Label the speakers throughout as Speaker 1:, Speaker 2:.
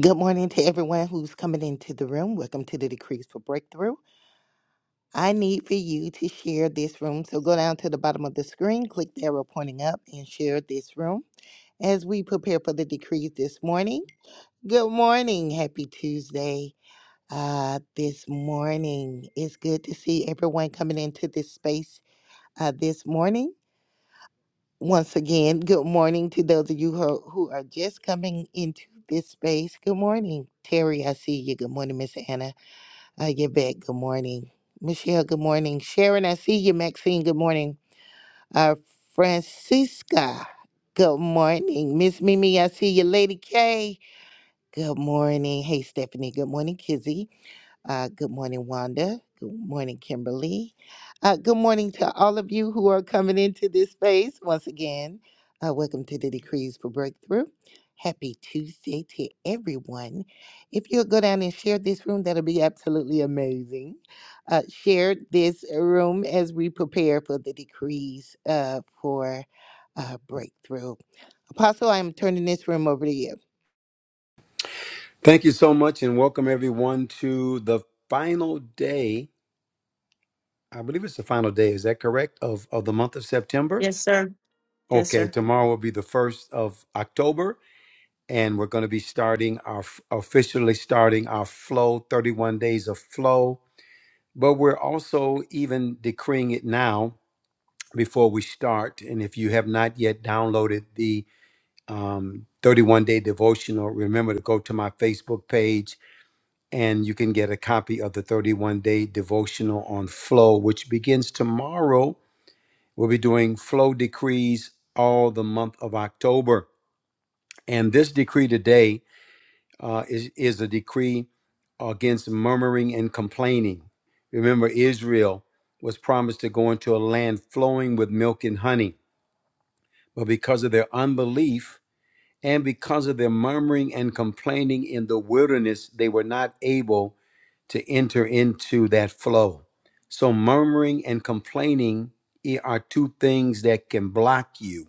Speaker 1: Good morning to everyone who's coming into the room. Welcome to the Decrees for Breakthrough. I need for you to share this room. So go down to the bottom of the screen, click the arrow pointing up, and share this room as we prepare for the decrees this morning. Good morning. Happy Tuesday. Uh, this morning. It's good to see everyone coming into this space uh, this morning. Once again, good morning to those of you who are, who are just coming into this space. Good morning. Terry, I see you. Good morning, Miss Anna. Uh, you're back. Good morning. Michelle, good morning. Sharon, I see you. Maxine, good morning. Uh, Francisca, good morning. Miss Mimi, I see you. Lady K, good morning. Hey, Stephanie, good morning. Kizzy, uh, good morning, Wanda. Good morning, Kimberly. Uh, good morning to all of you who are coming into this space once again. Uh, welcome to the Decrees for Breakthrough. Happy Tuesday to everyone. If you'll go down and share this room, that'll be absolutely amazing. Uh, share this room as we prepare for the decrees uh, for uh, breakthrough. Apostle, I am turning this room over to you.
Speaker 2: Thank you so much and welcome everyone to the final day. I believe it's the final day, is that correct? Of of the month of September?
Speaker 3: Yes, sir. Yes,
Speaker 2: Okay,
Speaker 3: sir.
Speaker 2: tomorrow will be the 1st of October and we're going to be starting our officially starting our flow 31 days of flow, but we're also even decreeing it now before we start and if you have not yet downloaded the um 31 day devotional, remember to go to my Facebook page and you can get a copy of the 31 day devotional on flow, which begins tomorrow. We'll be doing flow decrees all the month of October. And this decree today uh, is, is a decree against murmuring and complaining. Remember, Israel was promised to go into a land flowing with milk and honey, but because of their unbelief, And because of their murmuring and complaining in the wilderness, they were not able to enter into that flow. So, murmuring and complaining are two things that can block you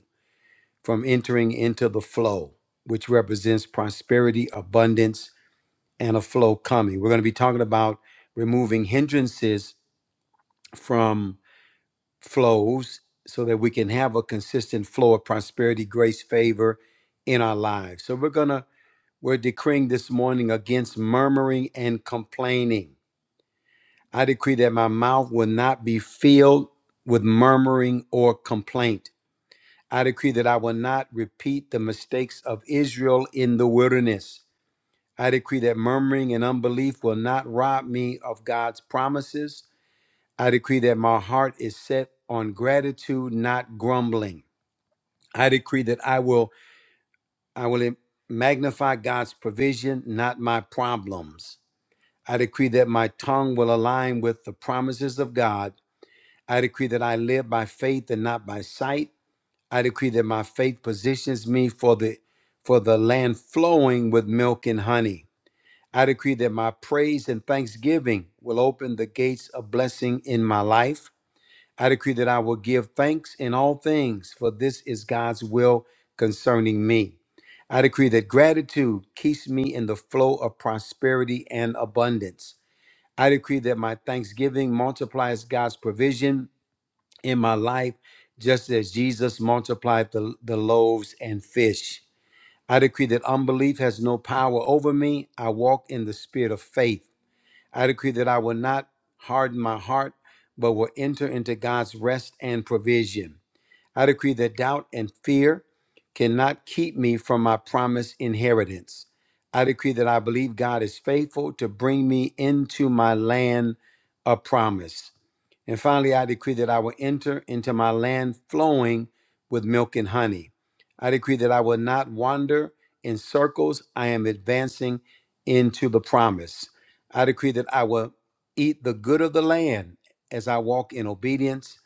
Speaker 2: from entering into the flow, which represents prosperity, abundance, and a flow coming. We're going to be talking about removing hindrances from flows so that we can have a consistent flow of prosperity, grace, favor in our lives. So, we're going to we're decreeing this morning against murmuring and complaining. I decree that my mouth will not be filled with murmuring or complaint. I decree that I will not repeat the mistakes of Israel in the wilderness. I decree that murmuring and unbelief will not rob me of God's promises. I decree that my heart is set on gratitude, not grumbling. I decree that I will I will magnify God's provision, not my problems. I decree that my tongue will align with the promises of God. I decree that I live by faith and not by sight. I decree that my faith positions me for the for the land flowing with milk and honey. I decree that my praise and thanksgiving will open the gates of blessing in my life. I decree that I will give thanks in all things, for this is God's will concerning me. I decree that gratitude keeps me in the flow of prosperity and abundance. I decree that my thanksgiving multiplies God's provision in my life, just as Jesus multiplied the, the loaves and fish. I decree that unbelief has no power over me. I walk in the spirit of faith. I decree that I will not harden my heart, but will enter into God's rest and provision. I decree that doubt and fear cannot keep me from my promised inheritance. I decree that I believe God is faithful to bring me into my land of promise. And finally, I decree that I will enter into my land flowing with milk and honey. I decree that I will not wander in circles. I am advancing into the promise. I decree that I will eat the good of the land as I walk in obedience.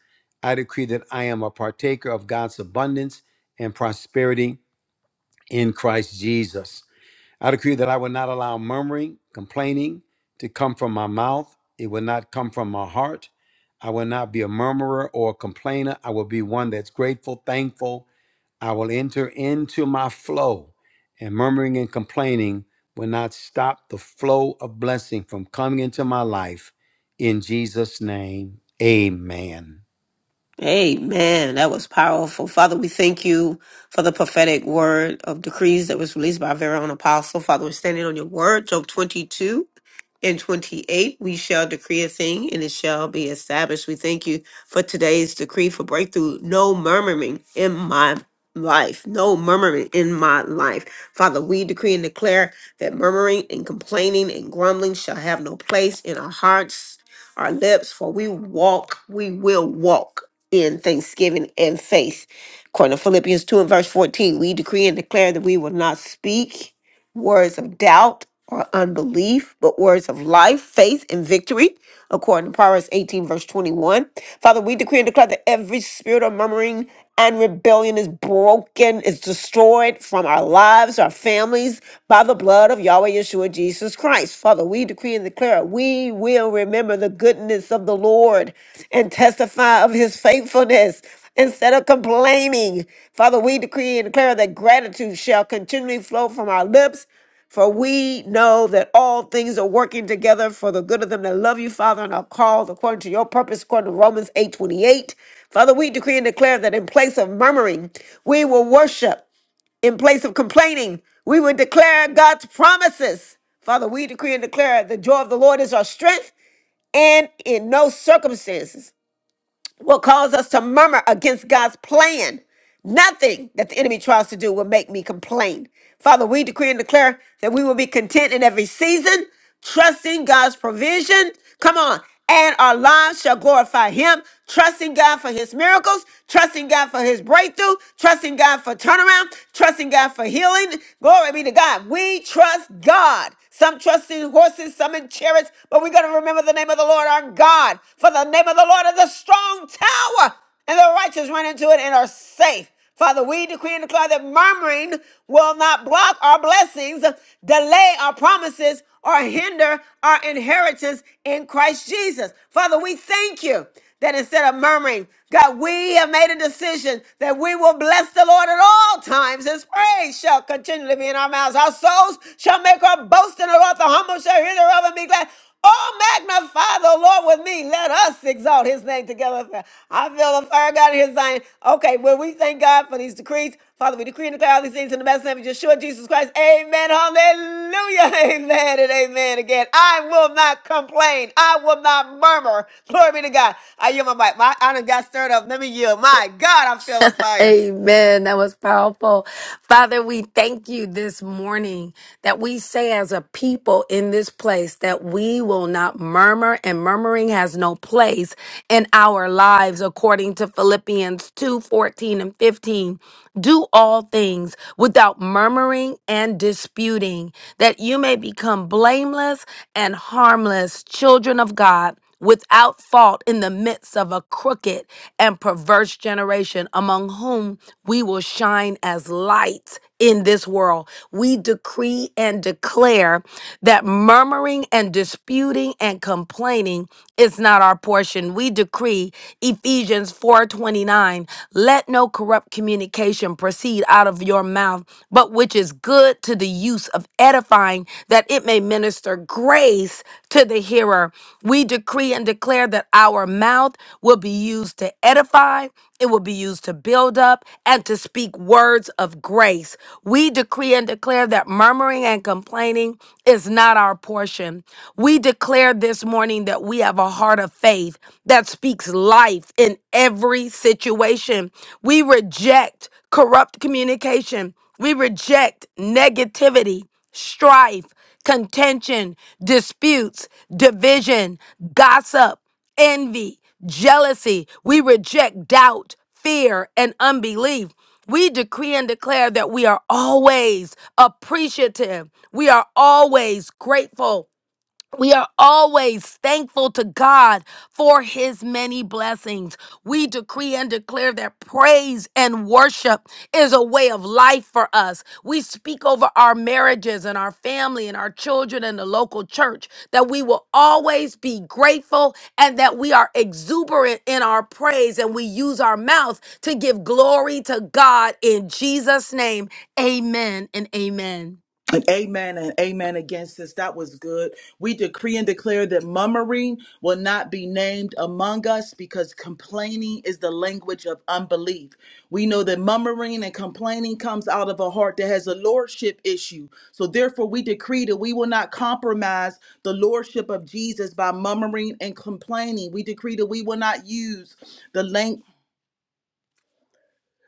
Speaker 2: I decree that I am a partaker of God's abundance and prosperity in Christ Jesus. I decree that I will not allow murmuring, complaining to come from my mouth. It will not come from my heart. I will not be a murmurer or a complainer. I will be one that's grateful, thankful. I will enter into my flow, and murmuring and complaining will not stop the flow of blessing from coming into my life. In Jesus' name, amen.
Speaker 3: Amen. That was powerful. Father, we thank you for the prophetic word of decrees that was released by our very own apostle. Father, we're standing on your word, Job 22 and 28. We shall decree a thing and it shall be established. We thank you for today's decree for breakthrough. No murmuring in my life. No murmuring in my life. Father, we decree and declare that murmuring and complaining and grumbling shall have no place in our hearts. our lips, for we walk, we will walk in thanksgiving and faith. According to Philippians 2 and verse 14, we decree and declare that we will not speak words of doubt or unbelief, but words of life, faith, and victory according to Proverbs 18, verse 21. Father, we decree and declare that every spirit of murmuring and rebellion is broken, is destroyed from our lives, our families, by the blood of Yahweh Yeshua Jesus Christ. Father, we decree and declare we will remember the goodness of the Lord and testify of his faithfulness instead of complaining. Father, we decree and declare that gratitude shall continually flow from our lips for we know that all things are working together for the good of them that love you, Father, and are called according to your purpose, according to Romans 8 28. Father, we decree and declare that in place of murmuring, we will worship. In place of complaining, we will declare God's promises. Father, we decree and declare the joy of the Lord is our strength, and in no circumstances will cause us to murmur against God's plan. Nothing that the enemy tries to do will make me complain. Father, we decree and declare that we will be content in every season, trusting God's provision. Come on. And our lives shall glorify Him, trusting God for His miracles, trusting God for His breakthrough, trusting God for turnaround, trusting God for healing. Glory be to God. We trust God some trust in horses, some in chariots, but we're going to remember the name of the Lord our God. For the name of the Lord is a strong tower, and the righteous run into it and are safe. Father, we decree and declare that murmuring will not block our blessings, delay our promises, or hinder our inheritance in Christ Jesus. Father, we thank you that instead of murmuring, God, we have made a decision that we will bless the Lord at all times. His praise shall continually be in our mouths. Our souls shall make our boast in the Lord. The humble shall hear thereof and be glad. Oh, magnify the Lord with me. Let us exalt his name together. I feel the fire out of here, Zion. Okay, well, we thank God for these decrees. Father, we decree and declare all these things in the best name of Yeshua, Jesus Christ. Amen. Hallelujah. Amen and amen again. I will not complain. I will not murmur. Glory be to God. I yield my mic. My I honor got stirred up. Let me yield. My God, I feel a fire.
Speaker 4: Amen. That was powerful. Father, we thank you this morning that we say as a people in this place that we will not murmur and murmuring has no place in our lives according to Philippians 2 14 and 15. Do all things without murmuring and disputing, that you may become blameless and harmless children of God. Without fault in the midst of a crooked and perverse generation, among whom we will shine as lights in this world. We decree and declare that murmuring and disputing and complaining is not our portion. We decree Ephesians 4:29, let no corrupt communication proceed out of your mouth, but which is good to the use of edifying that it may minister grace to the hearer. We decree and declare that our mouth will be used to edify, it will be used to build up, and to speak words of grace. We decree and declare that murmuring and complaining is not our portion. We declare this morning that we have a heart of faith that speaks life in every situation. We reject corrupt communication, we reject negativity, strife contention, disputes, division, gossip, envy, jealousy. We reject doubt, fear, and unbelief. We decree and declare that we are always appreciative. We are always grateful we are always thankful to God for his many blessings. We decree and declare that praise and worship is a way of life for us. We speak over our marriages and our family and our children and the local church that we will always be grateful and that we are exuberant in our praise and we use our mouth to give glory to God in Jesus' name. Amen and amen.
Speaker 5: And amen and amen again, sis. That was good. We decree and declare that murmuring will not be named among us because complaining is the language of unbelief. We know that murmuring and complaining comes out of a heart that has a lordship issue. So therefore, we decree that we will not compromise the lordship of Jesus by murmuring and complaining. We decree that we will not use the language.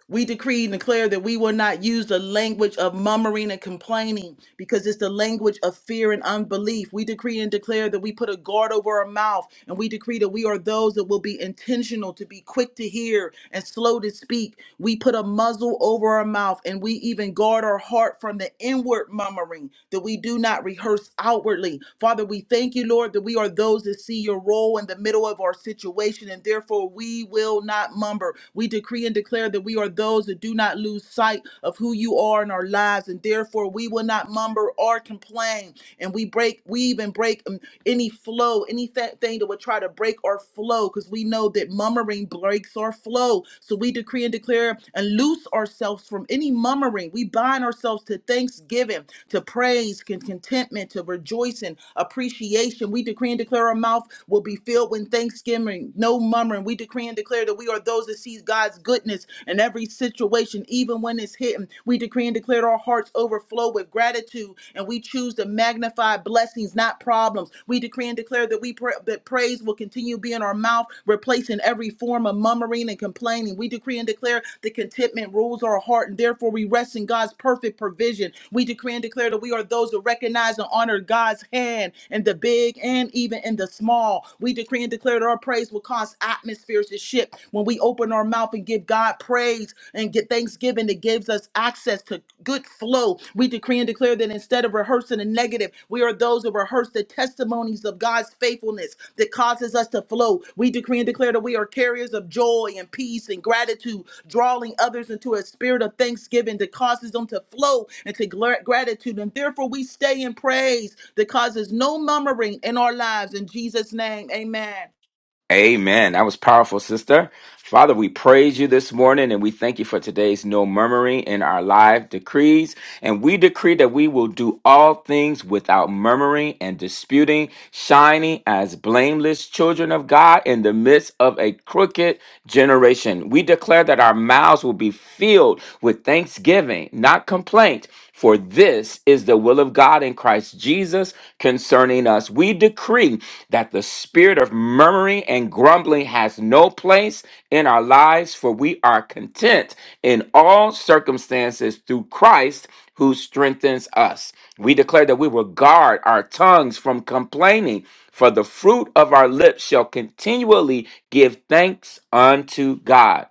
Speaker 5: We decree and declare that we will not use the language of murmuring and complaining because it's the language of fear and unbelief. We decree and declare that we put a guard over our mouth and we decree that we are those that will be intentional to be quick to hear and slow to speak. We put a muzzle over our mouth and we even guard our heart from the inward murmuring that we do not rehearse outwardly. Father, we thank you, Lord, that we are those that see your role in the middle of our situation and therefore we will not mumber. We decree decree and declare that we are those that do not lose sight of who you are in our lives, and therefore we will not mumber or complain. And we break, we even break um, any flow, anything that would try to break our flow, because we know that murmuring breaks our flow. So we decree and declare and loose ourselves from any murmuring. We bind ourselves to thanksgiving, to praise, con- contentment, to rejoicing, appreciation. We decree and declare our mouth will be filled with thanksgiving, no murmuring. We decree and declare that declare that we are those that sees God's goodness in every situation, even when it's hidden. We decree and declare our hearts overflow with gratitude, and we choose to magnify blessings, not problems. We decree and declare that we pra- that praise will continue to be in our mouth, replacing every form of murmuring and complaining. We decree and declare that contentment rules our heart, and therefore we rest in God's perfect provision. We decree and declare that we are those that recognize and honor God's hand in the big and even in the small. We decree and declare that our praise will cause cause atmospheres to shift. When we open our mouth and give God praise and get thanksgiving, it gives us access to good flow. We decree and declare that instead of rehearsing the negative, we are those who rehearse the testimonies of God's faithfulness that causes us to flow. We decree and declare that we are carriers of joy and peace and gratitude, drawing others into a spirit of thanksgiving that causes them to flow into gla- gratitude. And therefore, we stay in praise that causes no murmuring in our lives. In Jesus' name, amen.
Speaker 6: Amen. That was powerful, sister. Father, we praise you this morning and we thank you for today's no murmuring in our live decrees. And we decree that we will do all things without murmuring and disputing, shining as blameless children of God in the midst of a crooked generation. We declare that our mouths will be filled with thanksgiving, not complaint. For this is the will of God in Christ Jesus concerning us. We decree that the spirit of murmuring and grumbling has no place in our lives, for we are content in all circumstances through Christ who strengthens us. We declare that we will guard our tongues from complaining, for the fruit of our lips shall continually give thanks unto God.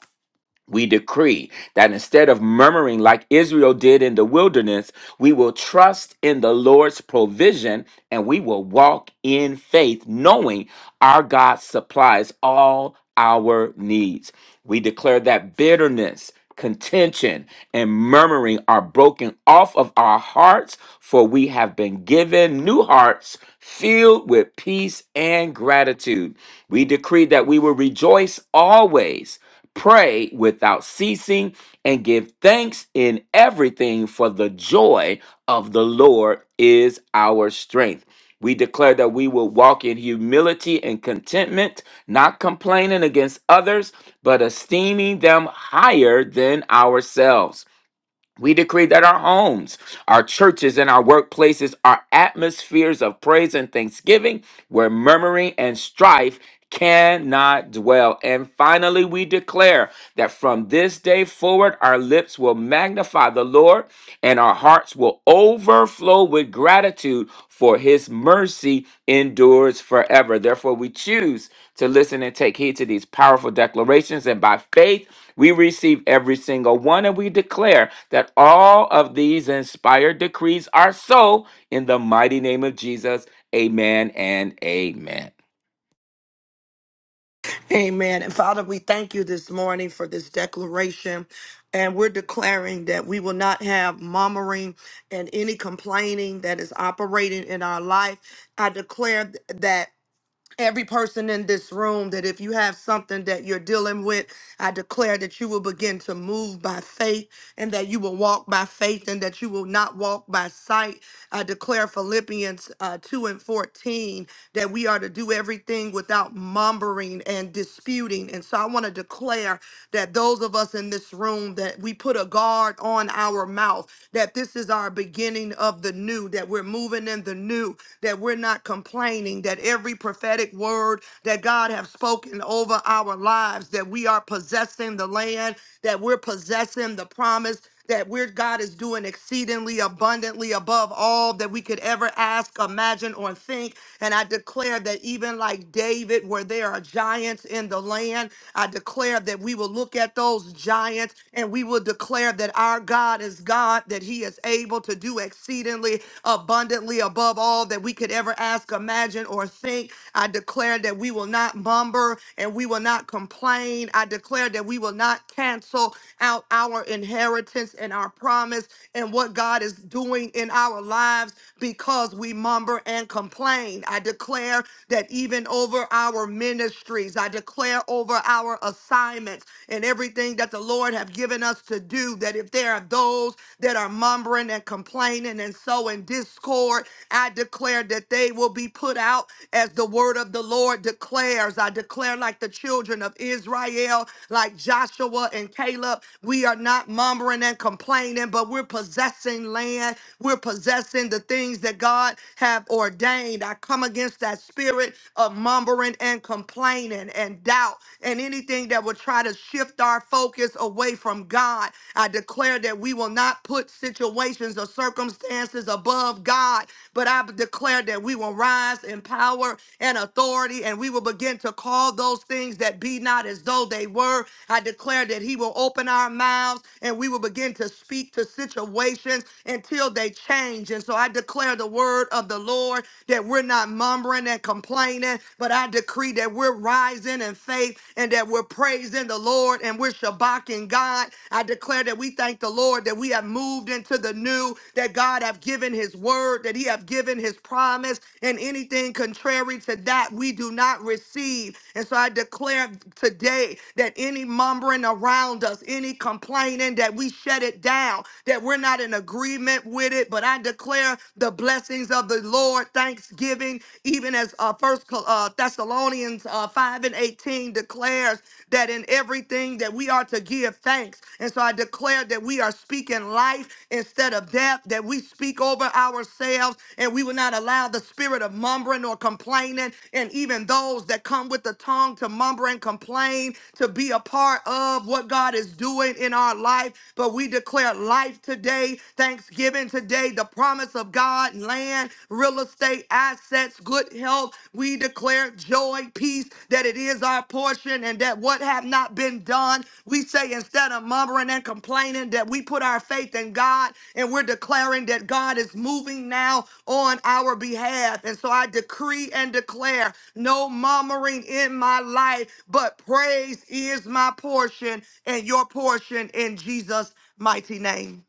Speaker 6: We decree that instead of murmuring like Israel did in the wilderness, we will trust in the Lord's provision and we will walk in faith, knowing our God supplies all our needs. We declare that bitterness, contention, and murmuring are broken off of our hearts, for we have been given new hearts filled with peace and gratitude. We decree that we will rejoice always Pray without ceasing and give thanks in everything, for the joy of the Lord is our strength. We declare that we will walk in humility and contentment, not complaining against others, but esteeming them higher than ourselves. We decree that our homes, our churches, and our workplaces are atmospheres of praise and thanksgiving where murmuring and strife cannot dwell. And finally, we declare that from this day forward, our lips will magnify the Lord and our hearts will overflow with gratitude for his mercy endures forever. Therefore, we choose to listen and take heed to these powerful declarations and by faith we receive every single one, and we declare that all of these inspired decrees are so in the mighty name of Jesus. Amen and amen.
Speaker 7: Amen. And Father, we thank you this morning for this declaration. And we're declaring that we will not have murmuring and any complaining that is operating in our life. I declare th- that every person in this room that if you have something that you're dealing with, I declare that you will begin to move by faith and that you will walk by faith and that you will not walk by sight. I declare Philippians uh, 2 and 14 that we are to do everything without mumbling and disputing. And so I want to declare that those of us in this room that we put a guard on our mouth, that this is our beginning of the new, that we're moving in the new, that we're not complaining, that every prophetic word that God have spoken over our lives, that we are possessing the land, that we're possessing the promise, that we're God is doing exceedingly abundantly above all that we could ever ask, imagine, or think and I declare that even like David, where there are giants in the land, I declare that we will look at those giants and we will declare that our God is God, that He is able to do exceedingly abundantly above all that we could ever ask, imagine, or think. I declare that we will not mumber and we will not complain. I declare that we will not cancel out our inheritance and our promise and what God is doing in our lives because we mumble and complain. I declare that even over our ministries, I declare over our assignments and everything that the Lord have given us to do, that if there are those that are mumbling and complaining and sowing discord, I declare that they will be put out as the word of the Lord declares. I declare like the children of Israel, like Joshua and Caleb, we are not mumbling and complaining, but we're possessing land. We're possessing practicing the things that God have ordained. I come against that spirit of mumbling and complaining and doubt and anything that will try to shift our focus away from God. I declare that we will not put situations or circumstances above God, but I declare that we will rise in power and authority and we will begin to call those things that be not as though they were. I declare that He will open our mouths and we will begin to speak to situations until they change. And so I declare the word of the Lord that we're not murmuring and complaining, but I decree that we're rising in faith and that we're praising the Lord and we're shabbaking God. I declare that we thank the Lord that we have moved into the new, that God have given his word, that he have given his promise, and anything contrary to that we do not receive. And so I declare today that any mumbling around us, any complaining, that we shut it down now that we're not in agreement with it, but I declare the blessings of the Lord, thanksgiving, even as uh, First uh, Thessalonians uh, 5 and 18 declares that in everything that we are to give thanks. And so I declare that we are speaking life instead of death, that we speak over ourselves and we will not allow the spirit of mumbling or complaining and even those that come with the tongue to mumble and complain to be a part of what God is doing in our lives our life, but we declare life today, thanksgiving today, the promise of God, land, real estate, assets, good health. We declare joy, peace, that it is our portion and that what have not been done, we say instead of murmuring and complaining, that we put our faith in God and we're declaring that God is moving now on our behalf. And so I decree and declare no murmuring in my life, but praise is my portion and your portion in Jesus' mighty name.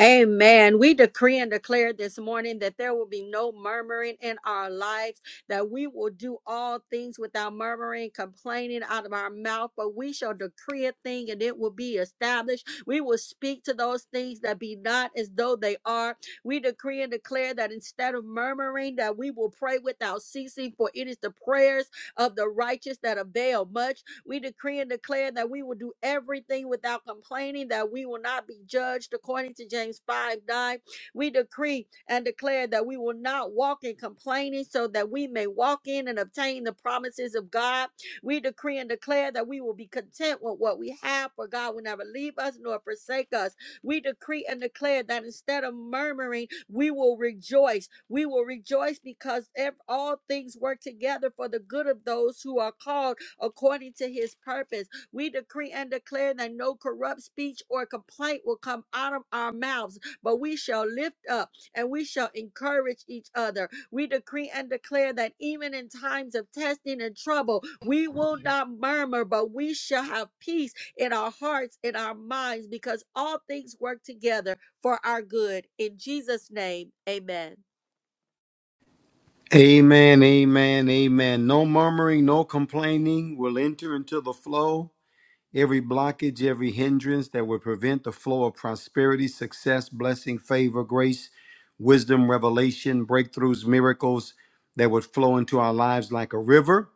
Speaker 8: Amen. We decree and declare this morning that there will be no murmuring in our lives, that we will do all things without murmuring, complaining out of our mouth, but we shall decree a thing and it will be established. We will speak to those things that be not as though they are. We decree and declare that instead of murmuring, that we will pray without ceasing, for it is the prayers of the righteous that avail much. We decree and declare that we will do everything without complaining, that we will not be judged according to James 5 9. We decree and declare that we will not walk in complaining so that we may walk in and obtain the promises of God. We decree and declare that we will be content with what we have, for God will never leave us nor forsake us. We decree and declare that instead of murmuring, we will rejoice. We will rejoice because ev- all things work together for the good of those who are called according to his purpose. We decree and declare that no corrupt speech or complaint will come out of our mouths, but we shall lift up and we shall encourage each other. We decree and declare that even in times of testing and trouble, we will not murmur, but we shall have peace in our hearts, in our minds, because all things work together for our good. In Jesus' name, amen.
Speaker 2: Amen, amen, amen. No murmuring, no complaining will enter into the flow. Every blockage, every hindrance that would prevent the flow of prosperity, success, blessing, favor, grace, wisdom, revelation, breakthroughs, miracles that would flow into our lives like a river,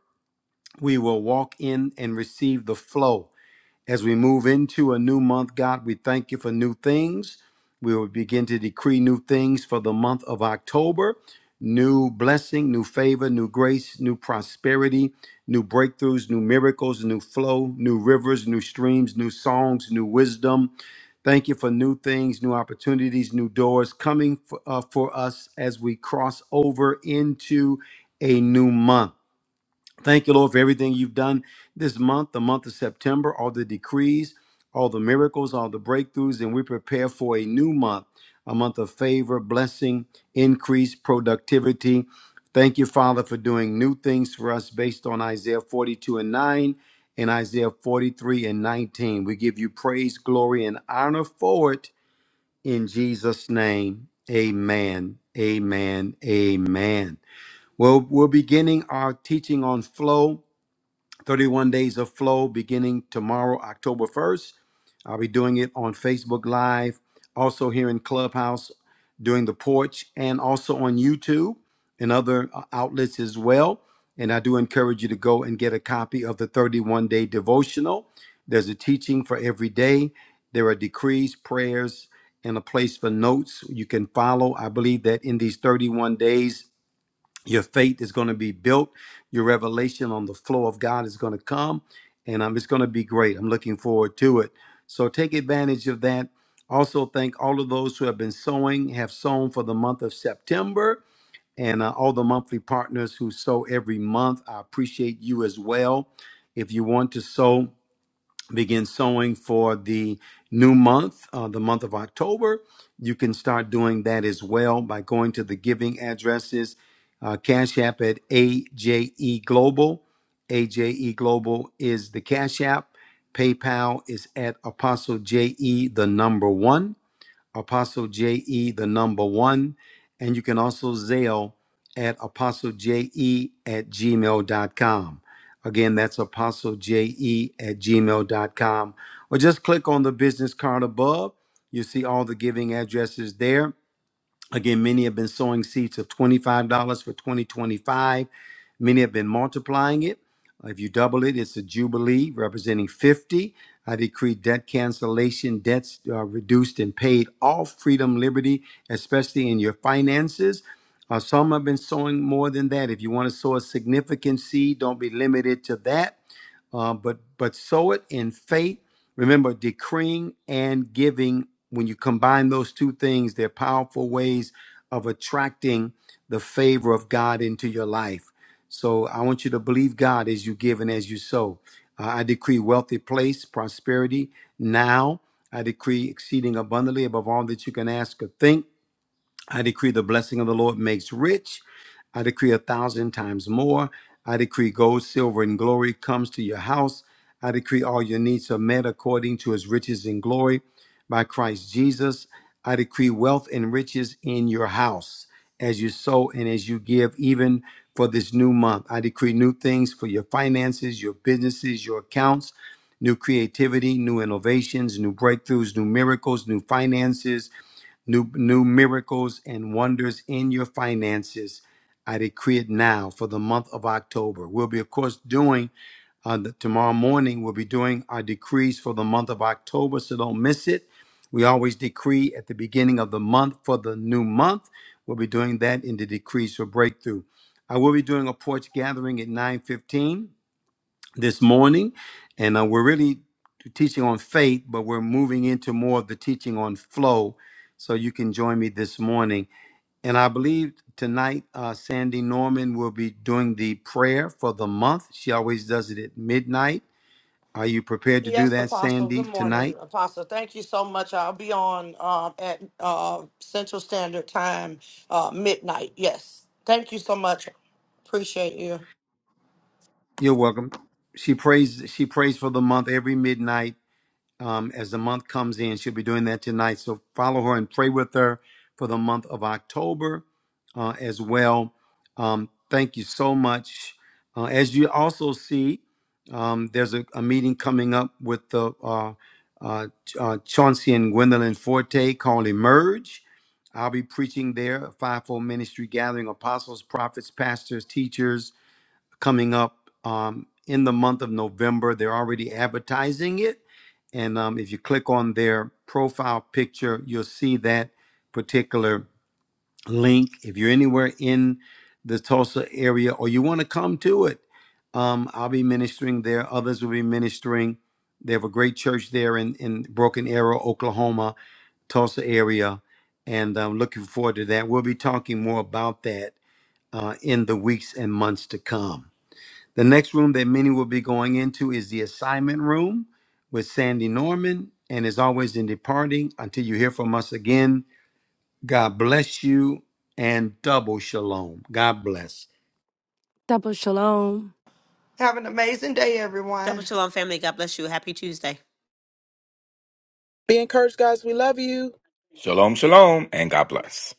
Speaker 2: we will walk in and receive the flow. As we move into a new month, God, we thank you for new things. We will begin to decree new things for the month of October new blessing, new favor, new grace, new prosperity, new breakthroughs, new miracles, new flow, new rivers, new streams, new songs, new wisdom. Thank you for new things, new opportunities, new doors coming for, uh, for us as we cross over into a new month. Thank you, Lord, for everything you've done this month, the month of September, all the decrees, all the miracles, all the breakthroughs, and we prepare for a new month, a month of favor, blessing, increase, productivity. Thank you, Father, for doing new things for us based on Isaiah 42 and 9 and Isaiah 43 and 19. We give you praise, glory, and honor for it in Jesus' name. Amen. Amen. Amen. Well, we're beginning our teaching on flow. 31 Days of Flow beginning tomorrow, October 1st. I'll be doing it on Facebook Live, also here in Clubhouse, doing the porch, and also on YouTube and other uh, outlets as well. And I do encourage you to go and get a copy of the 31 day devotional. There's a teaching for every day, there are decrees, prayers, and a place for notes you can follow. I believe that in these 31 days, your faith is going to be built your revelation on the flow of god is going to come and um, it's going to be great i'm looking forward to it so take advantage of that also thank all of those who have been sowing have sown for the month of september and uh, all the monthly partners who sow every month i appreciate you as well if you want to sow begin sowing for the new month, uh, the month of October. You can start doing that as well by going to the giving addresses, uh, Cash App at AJE Global. AJE Global is the Cash App. PayPal is at Apostle JE, the number one. Apostle JE, the number one. And you can also Zelle at apostlej.e at gmail dot com. Again, that's apostlej.e at gmail dot com, Or just click on the business card above. You see all the giving addresses there. Again, many have been sowing seeds of $25 for 2025. Many have been multiplying it. If you double it, it's a jubilee representing 50. I decree debt cancellation, debts uh, reduced and paid, all freedom, liberty, especially in your finances. Uh, some have been sowing more than that. If you want to sow a significant seed, don't be limited to that uh, but but sow it in faith. Remember, decreeing and giving. When you combine those two things, they're powerful ways of attracting the favor of God into your life. So I want you to believe God as you give and as you sow. Uh, I decree wealthy place, prosperity now. I decree exceeding abundantly above all that you can ask or think. I decree the blessing of the Lord makes rich. I decree a thousand times more. I decree gold, silver, and glory comes to your house. I decree all your needs are met according to his riches and glory by Christ Jesus. I decree wealth and riches in your house as you sow and as you give, even for this new month. I decree new things for your finances, your businesses, your accounts, new creativity, new innovations, new breakthroughs, new miracles, new finances new new miracles and wonders in your finances. I decree it now for the month of October. We'll be, of course, doing uh, the, tomorrow morning. We'll be doing our decrees for the month of October, so don't miss it. We always decree at the beginning of the month for the new month. We'll be doing that in the decrees for breakthrough. I will be doing a porch gathering at 9:15 this morning, and uh, we're really teaching on faith, but we're moving into more of the teaching on flow. So you can join me this morning, and I believe tonight uh, Sandy Norman will be doing the prayer for the month. She always does it at midnight. Are you prepared to do
Speaker 7: Yes,
Speaker 2: that,
Speaker 7: Apostle.
Speaker 2: Sandy,
Speaker 7: Good morning,
Speaker 2: tonight?
Speaker 7: Apostle. Thank you so much. I'll be on um, at uh, Central Standard Time, uh, midnight. Yes. Thank you so much. Appreciate you.
Speaker 2: You're welcome. She prays. She prays for the month every midnight um, as the month comes in. She'll be doing that tonight. So follow her and pray with her for the month of October uh, as well. Um, thank you so much. Uh, as you also see, um, there's a, a meeting coming up with the uh, uh, Ch- uh, Chauncey and Gwendolyn Forte called Emerge. I'll be preaching there, a fivefold ministry gathering, apostles, prophets, pastors, teachers, coming up um, in the month of November. They're already advertising it. And um, if you click on their profile picture, you'll see that particular link. If you're anywhere in the Tulsa area or you want to come to it, um, I'll be ministering there. Others will be ministering. They have a great church there in, in Broken Arrow, Oklahoma, Tulsa area. And I'm looking forward to that. We'll be talking more about that uh, in the weeks and months to come. The next room that many will be going into is the assignment room with Sandy Norman. And as always, in departing, until you hear from us again, God bless you and double shalom. God bless.
Speaker 4: Double shalom.
Speaker 7: Have an amazing day, everyone.
Speaker 3: Double shalom, family. God bless you. Happy Tuesday.
Speaker 5: Be encouraged, guys. We love you.
Speaker 6: Shalom, shalom, and God bless.